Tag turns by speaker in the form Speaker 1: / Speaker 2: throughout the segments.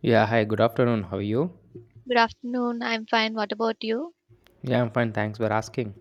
Speaker 1: Yeah, hi, good afternoon. How are you?
Speaker 2: Good afternoon. I'm fine. What about you?
Speaker 1: Yeah, I'm fine. Thanks for asking.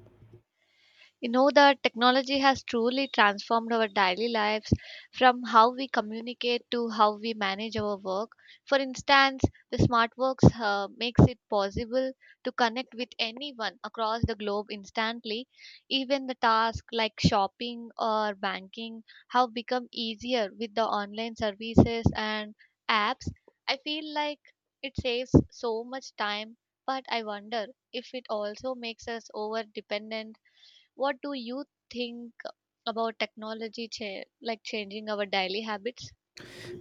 Speaker 2: You know that technology has truly transformed our daily lives, from how we communicate to how we manage our work. For instance, the smartworks makes it possible to connect with anyone across the globe instantly. Even the tasks like shopping or banking have become easier with the online services and apps. I feel like it saves so much time, but I wonder if it also makes us over dependent. What do you think about technology like changing our daily habits?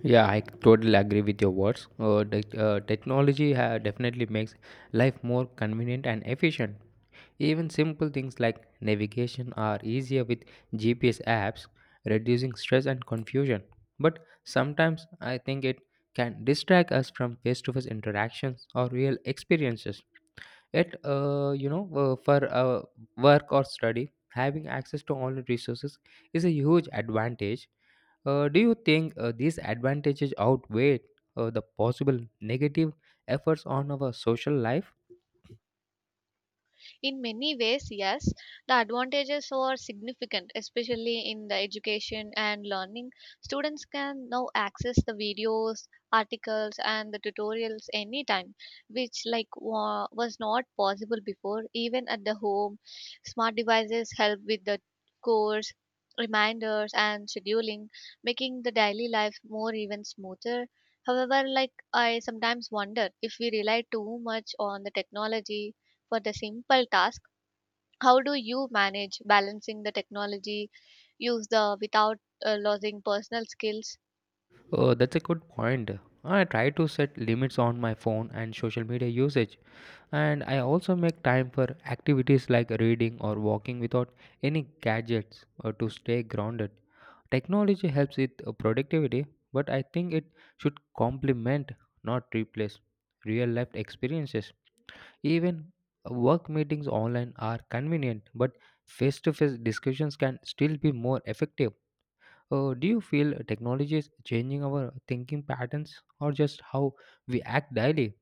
Speaker 1: Yeah, I totally agree with your words. Technology definitely makes life more convenient and efficient. Even simple things like navigation are easier with GPS apps, reducing stress and confusion. But sometimes I think it can distract us from face to face interactions or real experiences. Yet, for work or study, having access to online resources is a huge advantage. Do you think these advantages outweigh the possible negative efforts on our social life?
Speaker 2: In many ways, yes, the advantages are significant, especially in the education and learning. Students can now access the videos, articles, and the tutorials anytime, which was not possible before. Even at the home, smart devices help with the course reminders and scheduling, making the daily life more even smoother. However, like I sometimes wonder if we rely too much on the technology for the simple task. How do you manage balancing the technology use the without losing personal skills?
Speaker 1: That's a good point. I try to set limits on my phone and social media usage, and I also make time for activities like reading or walking without any gadgets or to stay grounded. Technology helps with productivity, but I think it should complement, not replace, real life experiences. Even work meetings online are convenient, but face to face discussions can still be more effective. Do you feel technology is changing our thinking patterns or just how we act daily?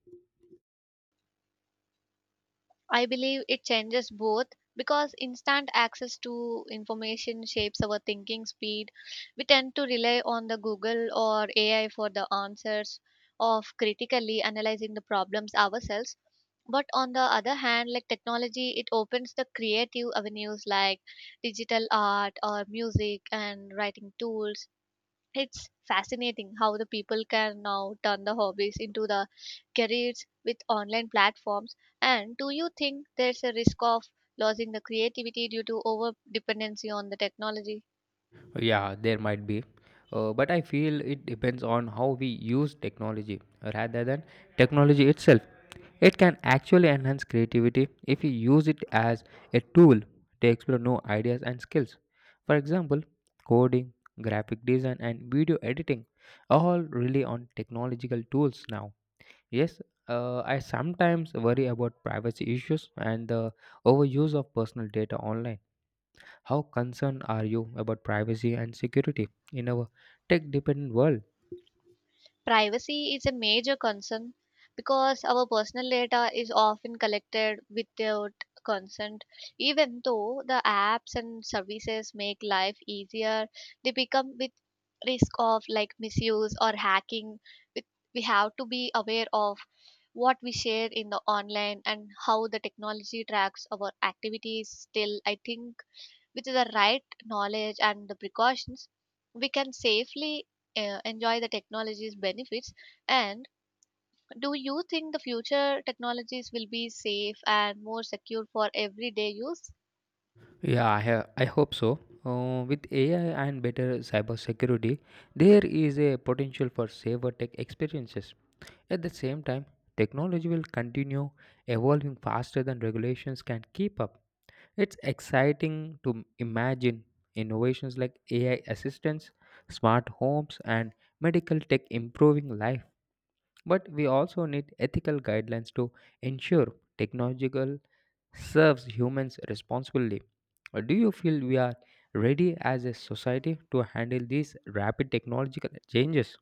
Speaker 2: I believe it changes both, because instant access to information shapes our thinking speed. We tend to rely on the google or ai for the answers of critically analyzing the problems ourselves. But on the other hand, like, technology it opens the creative avenues like digital art or music and writing tools. It's fascinating how the people can now turn the hobbies into the careers with online platforms. And do you think there's a risk of losing the creativity due to over dependency on the technology?
Speaker 1: Yeah, there might be. But I feel it depends on how we use technology rather than technology itself. It can actually enhance creativity if you use it as a tool to explore new ideas and skills. For example, coding, graphic design, and video editing are all rely on technological tools now. Yes, I sometimes worry about privacy issues and the overuse of personal data online. How concerned are you about privacy and security in our tech dependent world?
Speaker 2: Privacy is a major concern, because our personal data is often collected without consent. Even though the apps and services make life easier, they become with risk of like misuse or hacking. With- we have to be aware of what we share in the online and how the technology tracks our activities. Still, I think with the right knowledge and the precautions, we can safely enjoy the technology's benefits. And do you think the future technologies will be safe and more secure for everyday use?
Speaker 1: Yeah, I hope so. With AI and better cybersecurity, there is a potential for safer tech experiences. At the same time, technology will continue evolving faster than regulations can keep up. It's exciting to imagine innovations like AI assistance, smart homes, and medical tech improving life. But we also need ethical guidelines to ensure technological serves humans responsibly. Do you feel we are ready as a society to handle these rapid technological changes?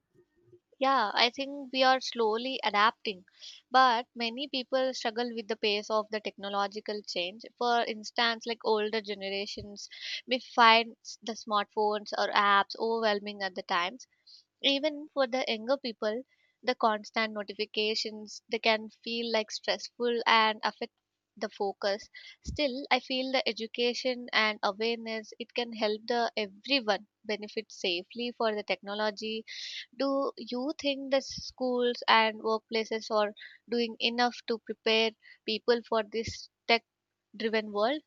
Speaker 2: Yeah, I think we are slowly adapting, but many people struggle with the pace of the technological change. For instance, like, older generations may find the smartphones or apps overwhelming at the times. Even for the younger people, the constant notifications they can feel like stressful and affect the focus. Still, I feel the education and awareness it can help the everyone benefit safely for the technology. Do you think the schools and workplaces are doing enough to prepare people for this tech driven world?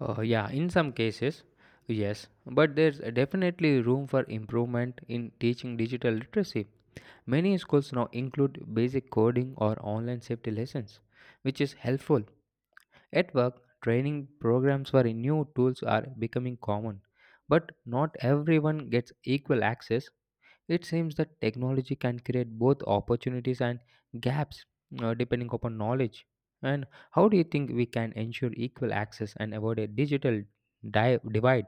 Speaker 1: Yeah, in some cases, yes, but there's definitely room for improvement in teaching digital literacy. Many schools now include basic coding or online safety lessons, which is helpful. At work, training programs for new tools are becoming common, but not everyone gets equal access. It seems that technology can create both opportunities and gaps depending upon knowledge. And how do you think we can ensure equal access and avoid a digital divide?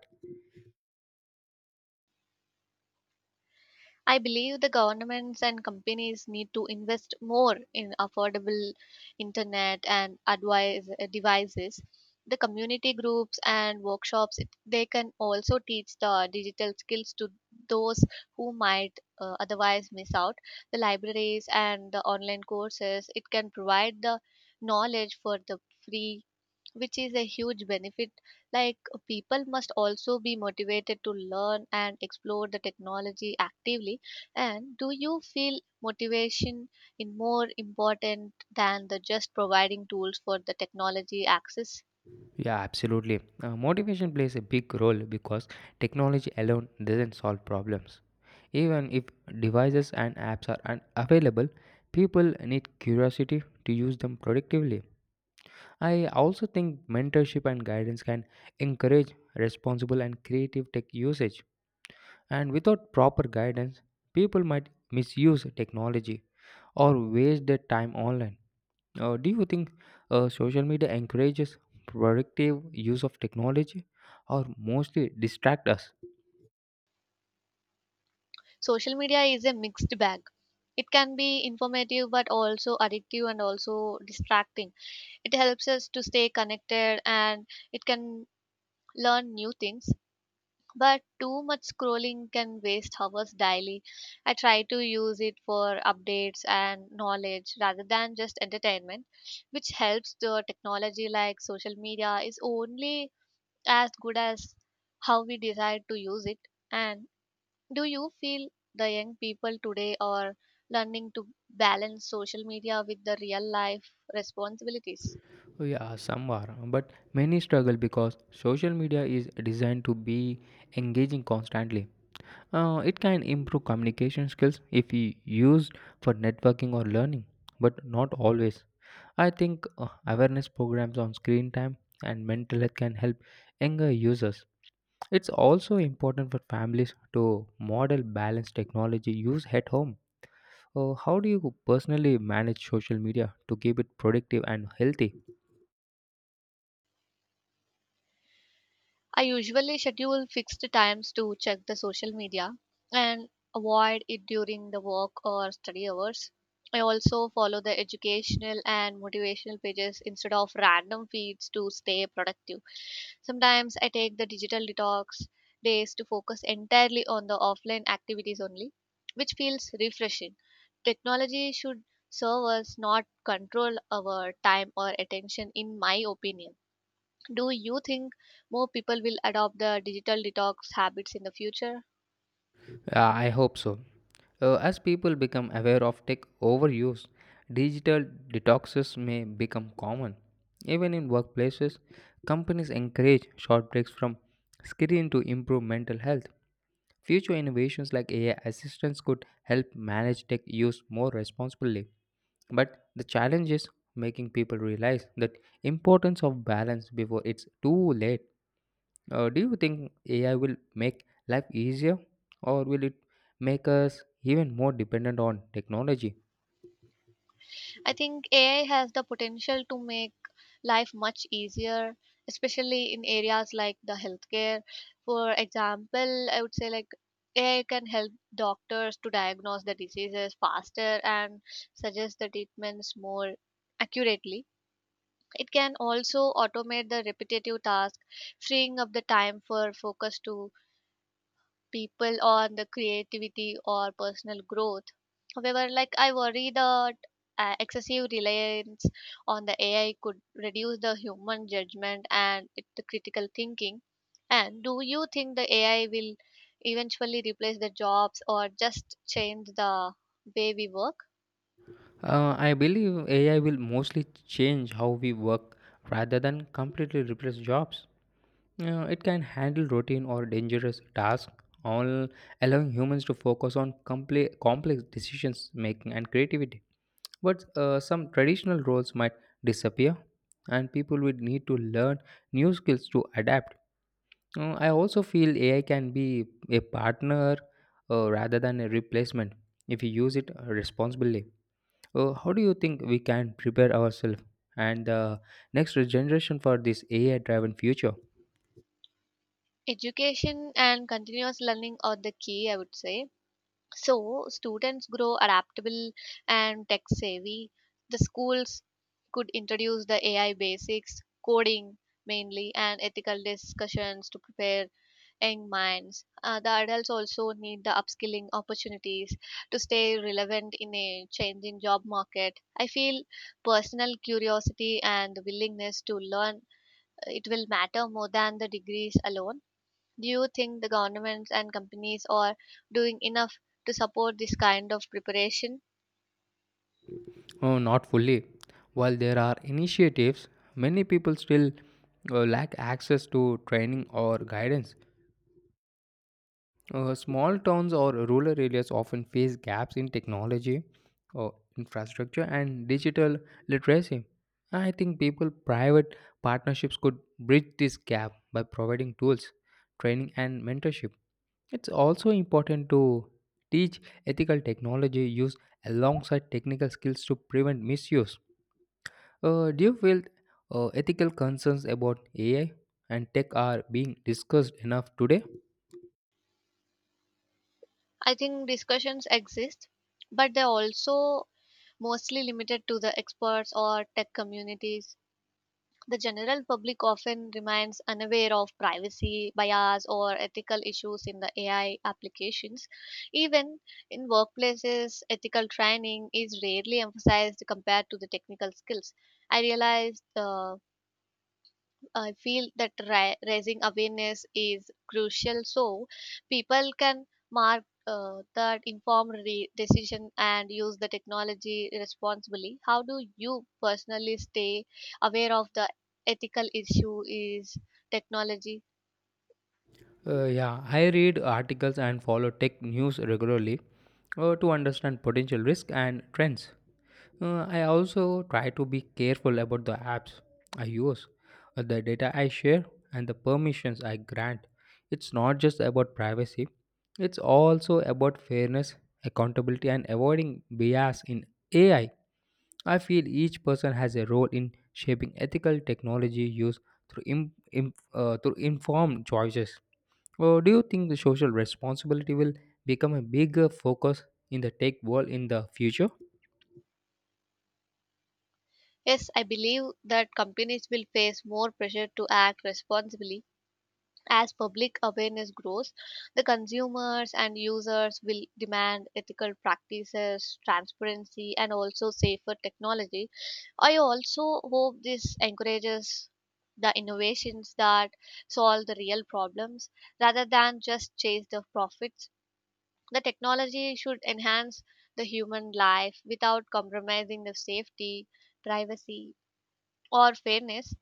Speaker 2: I believe the governments and companies need to invest more in affordable internet and advise, devices. The community groups and workshops they can also teach the digital skills to those who might otherwise miss out. The libraries and the online courses it can provide the knowledge for the free, which is a huge benefit. Like, people must also be motivated to learn and explore the technology actively. And do you feel motivation is more important than the just providing tools for the technology access?
Speaker 1: Yeah, absolutely. Motivation plays a big role because technology alone doesn't solve problems. Even if devices and apps are available, people need curiosity to use them productively. I also think mentorship and guidance can encourage responsible and creative tech usage. And without proper guidance, people might misuse technology or waste their time online. Do you think social media encourages productive use of technology or mostly distract us?
Speaker 2: Social media is a mixed bag. It can be informative, but also addictive and also distracting. It helps us to stay connected, and it can learn new things, but too much scrolling can waste hours daily. I try to use it for updates and knowledge rather than just entertainment, which helps the technology. Like, social media is only as good as how we decide to use it. And do you feel the young people today are learning to balance social media with the real life responsibilities?
Speaker 1: Oh, yeah, some are, but many struggle because social media is designed to be engaging constantly. It can improve communication skills if you used for networking or learning, but not always. I think awareness programs on screen time and mental health can help younger users. It's also important for families to model balanced technology use at home. How do you personally manage social media to keep it productive and healthy?
Speaker 2: I usually schedule fixed times to check the social media and avoid it during the work or study hours. I also follow the educational and motivational pages instead of random feeds to stay productive. Sometimes I take the digital detox days to focus entirely on the offline activities only, which feels refreshing. Technology should serve us, not control our time or attention, in my opinion. Do you think more people will adopt the digital detox habits in the future?
Speaker 1: I hope so. As people become aware of tech overuse, digital detoxes may become common. Even in workplaces, companies encourage short breaks from screen to improve mental health. Future innovations like AI assistants could help manage tech use more responsibly. But the challenge is making people realize that importance of balance before it's too late. Do you think AI will make life easier or will it make us even more dependent on technology?
Speaker 2: I think ai has the potential to make life much easier, especially in areas like the healthcare. For example, I would say, like, ai can help doctors to diagnose the diseases faster and suggest the treatments more accurately. It can also automate the repetitive tasks, freeing up the time for focus to people on the creativity or personal growth. However, like, I worry that excessive reliance on the AI could reduce the human judgment and the critical thinking. And do you think the AI will eventually replace the jobs or just change the way we work?
Speaker 1: I believe AI will mostly change how we work rather than completely replace jobs. It can handle routine or dangerous tasks, all allowing humans to focus on complex decisions making and creativity. But some traditional roles might disappear, and people will need to learn new skills to adapt. I also feel AI can be a partner rather than a replacement if you use it responsibly. How do you think we can prepare ourselves and the next generation for this AI driven future?
Speaker 2: Education and continuous learning are the key, I would say. So students grow adaptable and tech savvy. The schools could introduce the AI basics, coding mainly, and ethical discussions to prepare young minds. The adults also need the upskilling opportunities to stay relevant in a changing job market. I feel personal curiosity and the willingness to learn it will matter more than the degrees alone. Do you think the governments and companies are doing enough to support this kind of preparation?
Speaker 1: Oh, not fully. While there are initiatives, many people still lack access to training or guidance. Small towns or rural areas often face gaps in technology, uh, infrastructure, and digital literacy. I think people private partnerships could bridge this gap by providing tools, training, and mentorship. It's also important to teach ethical technology use alongside technical skills to prevent misuse. Do you feel ethical concerns about AI and tech are being discussed enough today?
Speaker 2: I think discussions exist, but they're also mostly limited to the experts or tech communities. The general public often remains unaware of privacy bias or ethical issues in the AI applications. Even in workplaces, ethical training is rarely emphasized compared to the technical skills. I realized uh, I feel that raising awareness is crucial so people can mark that informed decision and use the technology responsibly. How do you personally stay aware of the ethical issue is technology?
Speaker 1: Yeah, I read articles and follow tech news regularly to understand potential risk and trends. I also try to be careful about the apps I use, the data I share, and the permissions I grant. It's not just about privacy, it's also about fairness, accountability, and avoiding bias in AI. I feel each person has a role in shaping ethical technology use through, through informed choices. Or do you think the social responsibility will become a bigger focus in the tech world in the future?
Speaker 2: Yes, I believe that companies will face more pressure to act responsibly. As public awareness grows, the consumers and users will demand ethical practices, transparency, and also safer technology. I also hope this encourages the innovations that solve the real problems rather than just chase the profits. The technology should enhance the human life without compromising the safety, privacy, or fairness.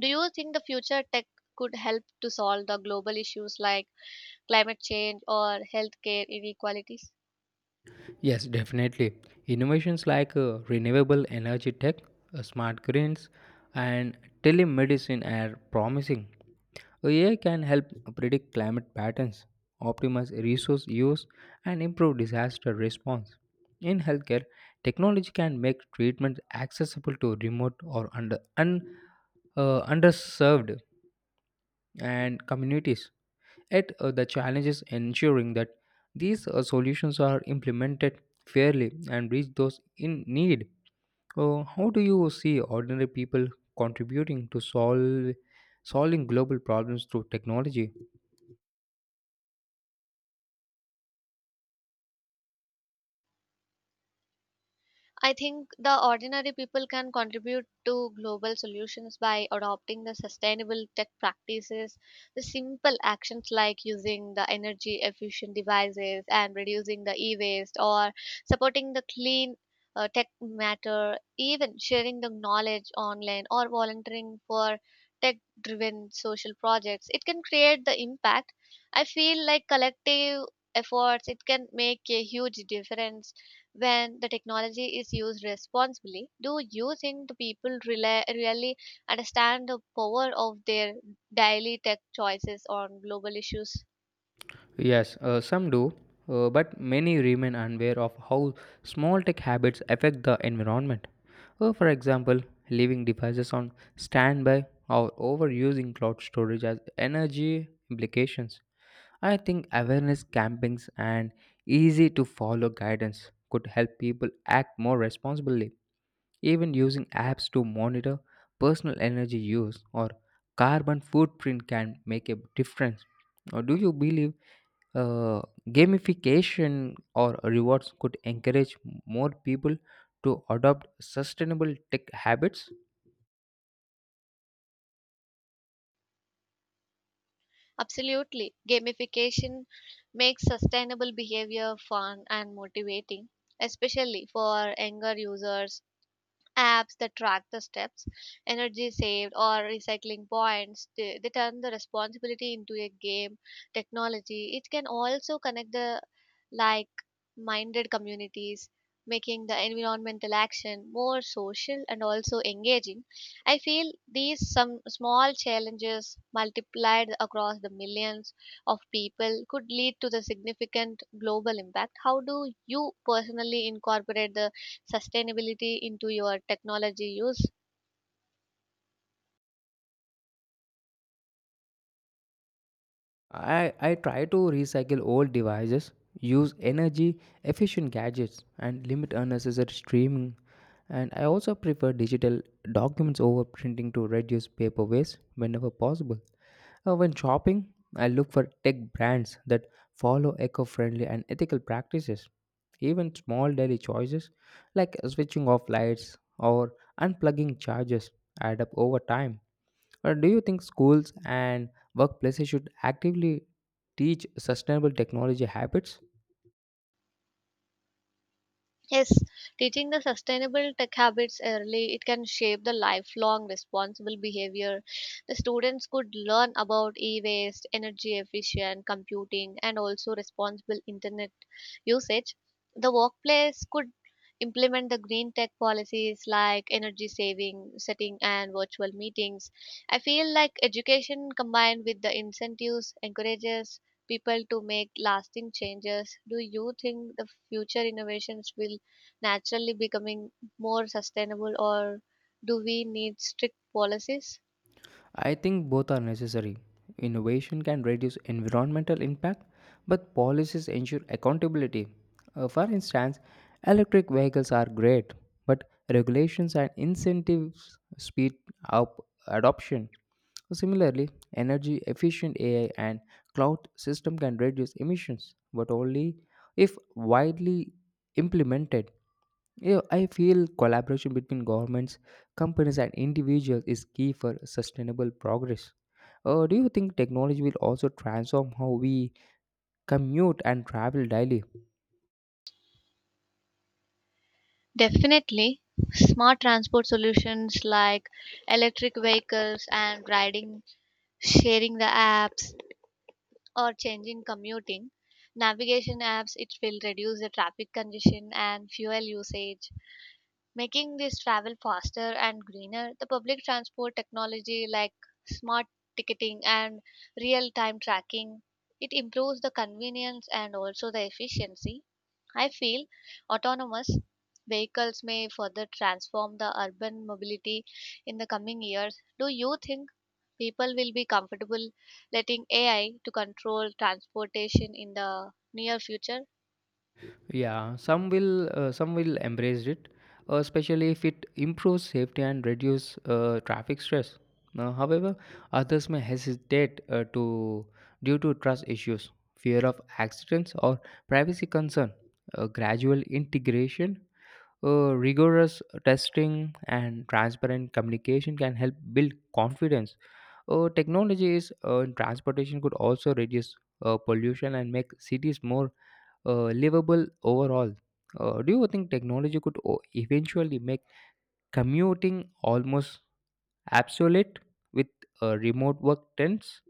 Speaker 2: Do you think the future tech could help to solve the global issues like climate change, or healthcare inequalities?
Speaker 1: Yes, definitely. Innovations like renewable energy tech, smart grids, and telemedicine are promising. So, AI can help predict climate patterns, optimize resource use, and improve disaster response. In healthcare, technology can make treatment accessible to remote or underserved and communities. Yet, the challenge is ensuring that these solutions are implemented fairly and reach those in need. How do you see ordinary people contributing to solve solving global problems through technology?
Speaker 2: I think the ordinary people can contribute to global solutions by adopting the sustainable tech practices, the simple actions like using the energy efficient devices and reducing the e waste, or supporting the clean tech matter, even sharing the knowledge online or volunteering for tech driven social projects. It can create the impact. I feel like collective efforts it can make a huge difference when the technology is used responsibly. Do you think the people rela really understand the power of their daily tech choices on global issues?
Speaker 1: Yes, some do, but many remain unaware of how small tech habits affect the environment. For example, leaving devices on standby or overusing cloud storage has energy implications. I think awareness campings and easy to follow guidance could help people act more responsibly. Even using apps to monitor personal energy use or carbon footprint can make a difference. Or do you believe? Uh, Gamification or rewards could encourage more people to adopt sustainable tech habits.
Speaker 2: Absolutely. Gamification makes sustainable behavior fun and motivating, especially for younger users. Apps that track the steps, energy saved, or recycling points, they turn the responsibility into a game technology. It can also connect the like minded communities, making the environmental action more social and also engaging. I feel these some small challenges multiplied across the millions of people could lead to the significant global impact. How do you personally incorporate the sustainability into your technology use?
Speaker 1: I try to recycle old devices, use energy efficient gadgets, and limit unnecessary streaming. And I also prefer digital documents over printing to reduce paper waste whenever possible. When shopping, I look for tech brands that follow eco friendly and ethical practices. Even small daily choices like switching off lights or unplugging chargers add up over time. Or do you think schools and workplaces should actively teach sustainable technology habits?
Speaker 2: Yes, teaching the sustainable tech habits early, it can shape the lifelong responsible behavior. The students could learn about e-waste, energy efficient computing, and also responsible internet usage. The workplace could implement the green tech policies like energy saving, setting, and virtual meetings. I feel like education combined with the incentives encourages people to make lasting changes. Do you think the future innovations will naturally becoming more sustainable, or do we need strict policies?
Speaker 1: I think both are necessary. Innovation can reduce environmental impact, but policies ensure accountability. For instance, electric vehicles are great, but regulations and incentives speed up adoption. Similarly, energy efficient AI and cloud system can reduce emissions, but only if widely implemented. Yeah, I feel collaboration between governments, companies and individuals is key for sustainable progress. Do you think technology will also transform how we commute and travel daily?
Speaker 2: Definitely, smart transport solutions like electric vehicles and riding, sharing the apps, or changing commuting. Navigation apps, it will reduce the traffic congestion and fuel usage, making this travel faster and greener. The public transport technology like smart ticketing and real-time tracking, it improves the convenience and also the efficiency. I feel autonomous vehicles may further transform the urban mobility in the coming years. Do you think people will be comfortable letting AI to control transportation in the near future?
Speaker 1: Yeah, some will embrace it, especially if it improves safety and reduce traffic stress. However, others may hesitate to due to trust issues, fear of accidents, or privacy concern. Gradual integration. Rigorous testing and transparent communication can help build confidence. Technologies in transportation could also reduce pollution and make cities more livable overall. Do you think technology could eventually make commuting almost obsolete with remote work trends?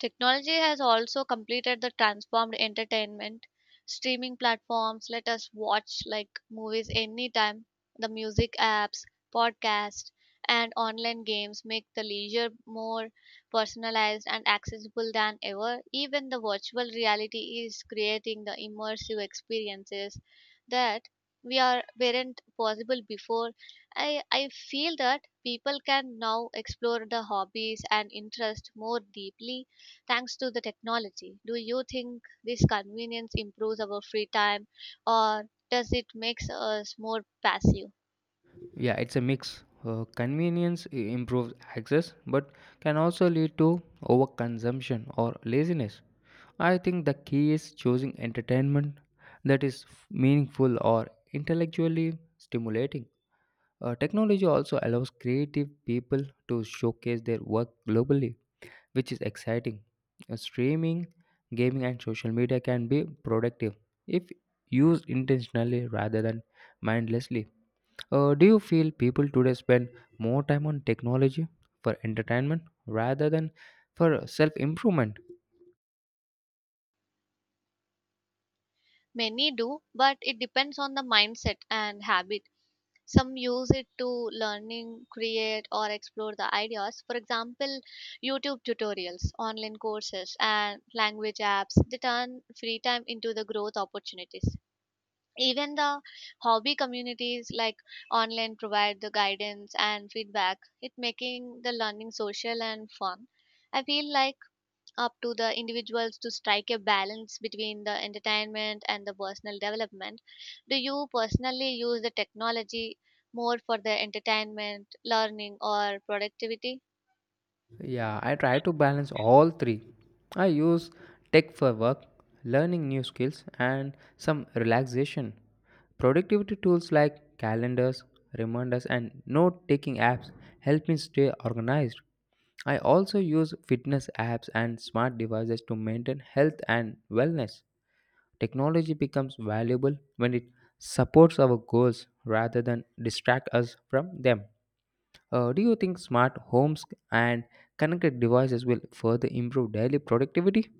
Speaker 2: Technology has also completed the transformed entertainment. Streaming platforms let us watch like movies anytime. The music apps, podcasts, and online games make the leisure more personalized and accessible than ever. Even the virtual reality is creating the immersive experiences that we are weren't possible before. I feel that people can now explore the hobbies and interest more deeply thanks to the technology. Do you think this convenience improves our free time, or does it makes us more passive?
Speaker 1: Yeah, it's a mix. Convenience improves access, but can also lead to overconsumption or laziness. I think the key is choosing entertainment that is meaningful or intellectually stimulating. Technology also allows creative people to showcase their work globally, which is exciting. Streaming, gaming, and social media can be productive if used intentionally rather than mindlessly. Do you feel people today spend more time on technology for entertainment rather than for self improvement?
Speaker 2: Many do, but it depends on the mindset and habit. Some use it to learning, create, or explore the ideas. For example, YouTube tutorials, online courses, and language apps. They turn free time into the growth opportunities. Even the hobby communities like online provide the guidance and feedback it making the learning social and fun. I feel like up to the individuals to strike a balance between the entertainment and the personal development. Do you personally use the technology more for the entertainment learning or productivity?
Speaker 1: Yeah, I try to balance all three. I use tech for work, learning new skills, and some relaxation. Productivity tools like calendars, reminders, and note taking apps help me stay organized. I also use fitness apps and smart devices to maintain health and wellness. Technology becomes valuable when it supports our goals rather than distract us from them. Do you think smart homes and connected devices will further improve daily productivity?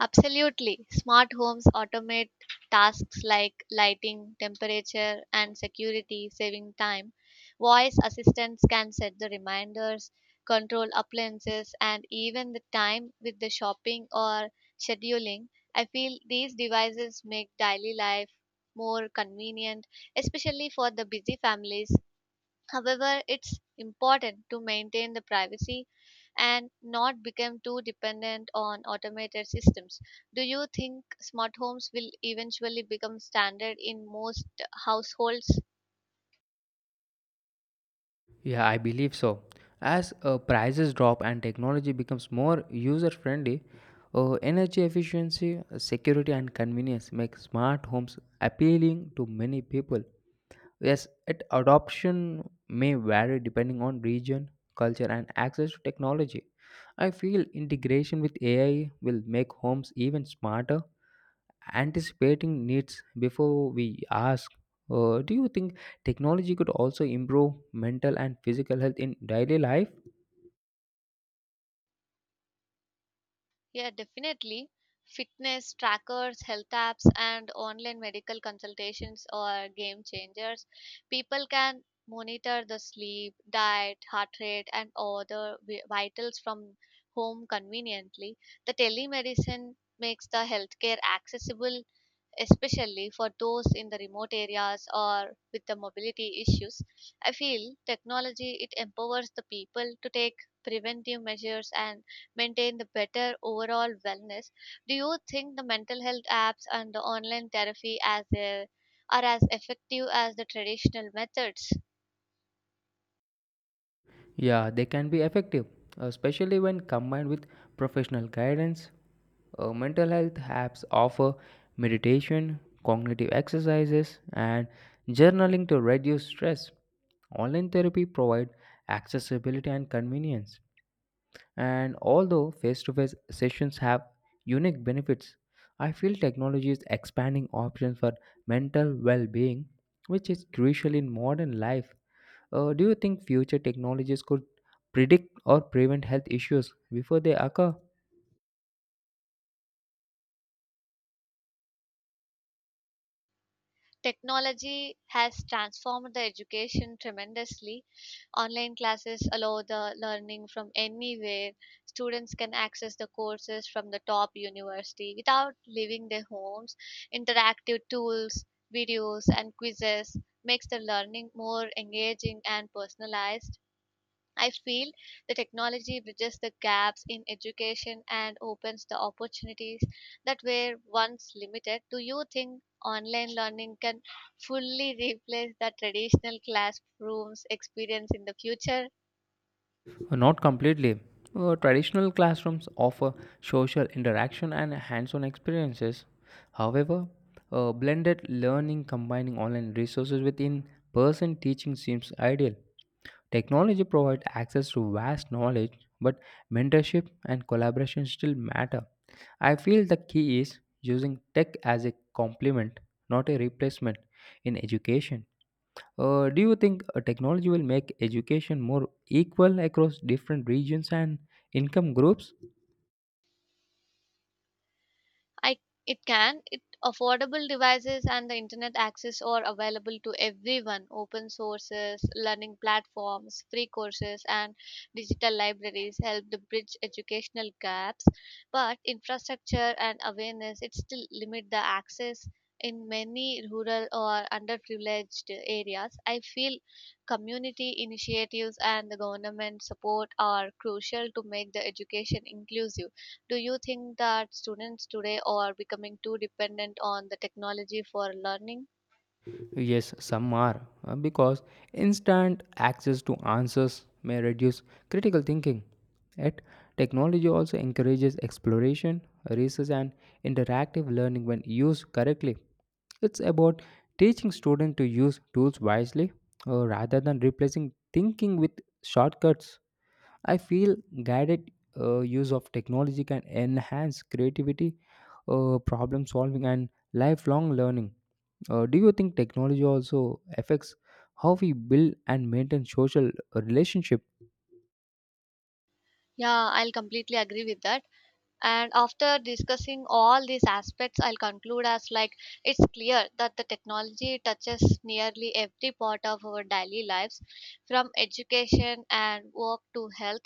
Speaker 2: Absolutely. Smart homes automate tasks like lighting, temperature, and security, saving time. Voice assistants can set the reminders, control appliances, and even the time with the shopping or scheduling. I feel these devices make daily life more convenient, especially for the busy families. However, it's important to maintain the privacy and not become too dependent on automated systems. Do you think smart homes will eventually become standard in most households?
Speaker 1: Yeah, I believe so. As prices drop and technology becomes more user friendly, energy efficiency, security, and convenience make smart homes appealing to many people. Yes, it adoption may vary depending on region, culture, and access to technology. I feel integration with AI will make homes even smarter anticipating needs before we ask. Do you think technology could also improve mental and physical health in daily life?
Speaker 2: Yeah, definitely. Fitness trackers, health apps, and online medical consultations are game changers. People can monitor the sleep, diet, heart rate, and other vitals from home conveniently. The telemedicine makes the healthcare accessible, especially for those in the remote areas or with the mobility issues. I feel technology it empowers the people to take preventive measures and maintain the better overall wellness. Do you think the mental health apps and the online therapy as a, are as effective as the traditional methods?
Speaker 1: Yeah, they can be effective, especially when combined with professional guidance. Mental health apps offer meditation, cognitive exercises, and journaling to reduce stress. Online therapy provide accessibility and convenience, and although face to face sessions have unique benefits, I feel technology is expanding options for mental well being, which is crucial in modern life. Do you think future technologies could predict or prevent health issues before they occur?
Speaker 2: Technology has transformed the education tremendously. Online classes allow the learning from anywhere. Students can access the courses from the top university without leaving their homes. Interactive tools, videos and quizzes makes the learning more engaging and personalized. I feel the technology bridges the gaps in education and opens the opportunities that were once limited. Do you think online learning can fully replace the traditional classrooms experience in the future?
Speaker 1: Not completely. Traditional classrooms offer social interaction and hands on experiences. However, blended learning combining online resources with in person teaching seems ideal. Technology provides access to vast knowledge, but mentorship and collaboration still matter. I feel the key is using tech as a complement, not a replacement in education. Do you think technology will make education more equal across different regions and income groups?
Speaker 2: I it can it affordable devices and the internet access are available to everyone. Open sources learning platforms, free courses and digital libraries help to bridge educational gaps, but infrastructure and awareness it still limit the access in many rural or underprivileged areas. I feel community initiatives and the government support are crucial to make the education inclusive. Do you think that students today are becoming too dependent on the technology for learning?
Speaker 1: Yes, some are, because instant access to answers may reduce critical thinking. Yet, technology also encourages exploration, research, and interactive learning when used correctly. It's about teaching students to use tools wisely rather than replacing thinking with shortcuts. I feel guided use of technology can enhance creativity, problem solving, and lifelong learning. Do you think technology also affects how we build and maintain social relationship?
Speaker 2: Yeah, I'll completely agree with that. And after discussing all these aspects, I'll conclude as like, it's clear that the technology touches nearly every part of our daily lives. From education and work to health,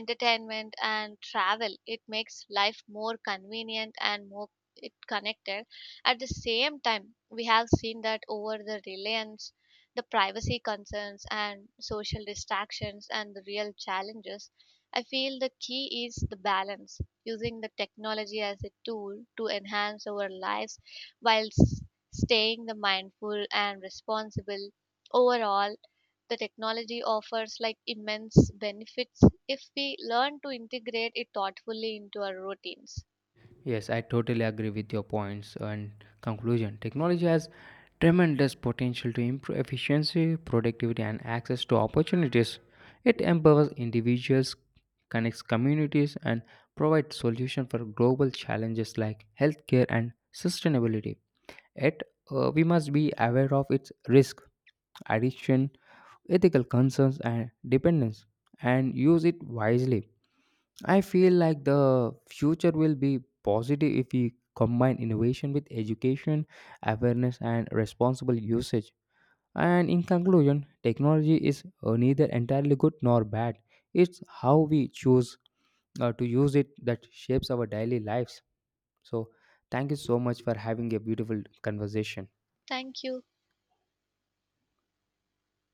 Speaker 2: entertainment and travel, it makes life more convenient and more, it connected. At the same time, we have seen that over the reliance, the privacy concerns and social distractions and the real challenges, I feel the key is the balance, using the technology as a tool to enhance our lives while staying the mindful and responsible. Overall, the technology offers like immense benefits if we learn to integrate it thoughtfully into our routines.
Speaker 1: Yes, I totally agree with your points and conclusion. Technology has tremendous potential to improve efficiency, productivity, and access to opportunities. It empowers individuals, connects communities, and provides solutions for global challenges like healthcare and sustainability. Yet, we must be aware of its risk, addiction, ethical concerns and dependence and use it wisely. I feel like the future will be positive if we combine innovation with education, awareness, and responsible usage. And in conclusion, technology is neither entirely good nor bad. It's how we choose to use it that shapes our daily lives. So, thank you so much for having a beautiful conversation.
Speaker 2: Thank you.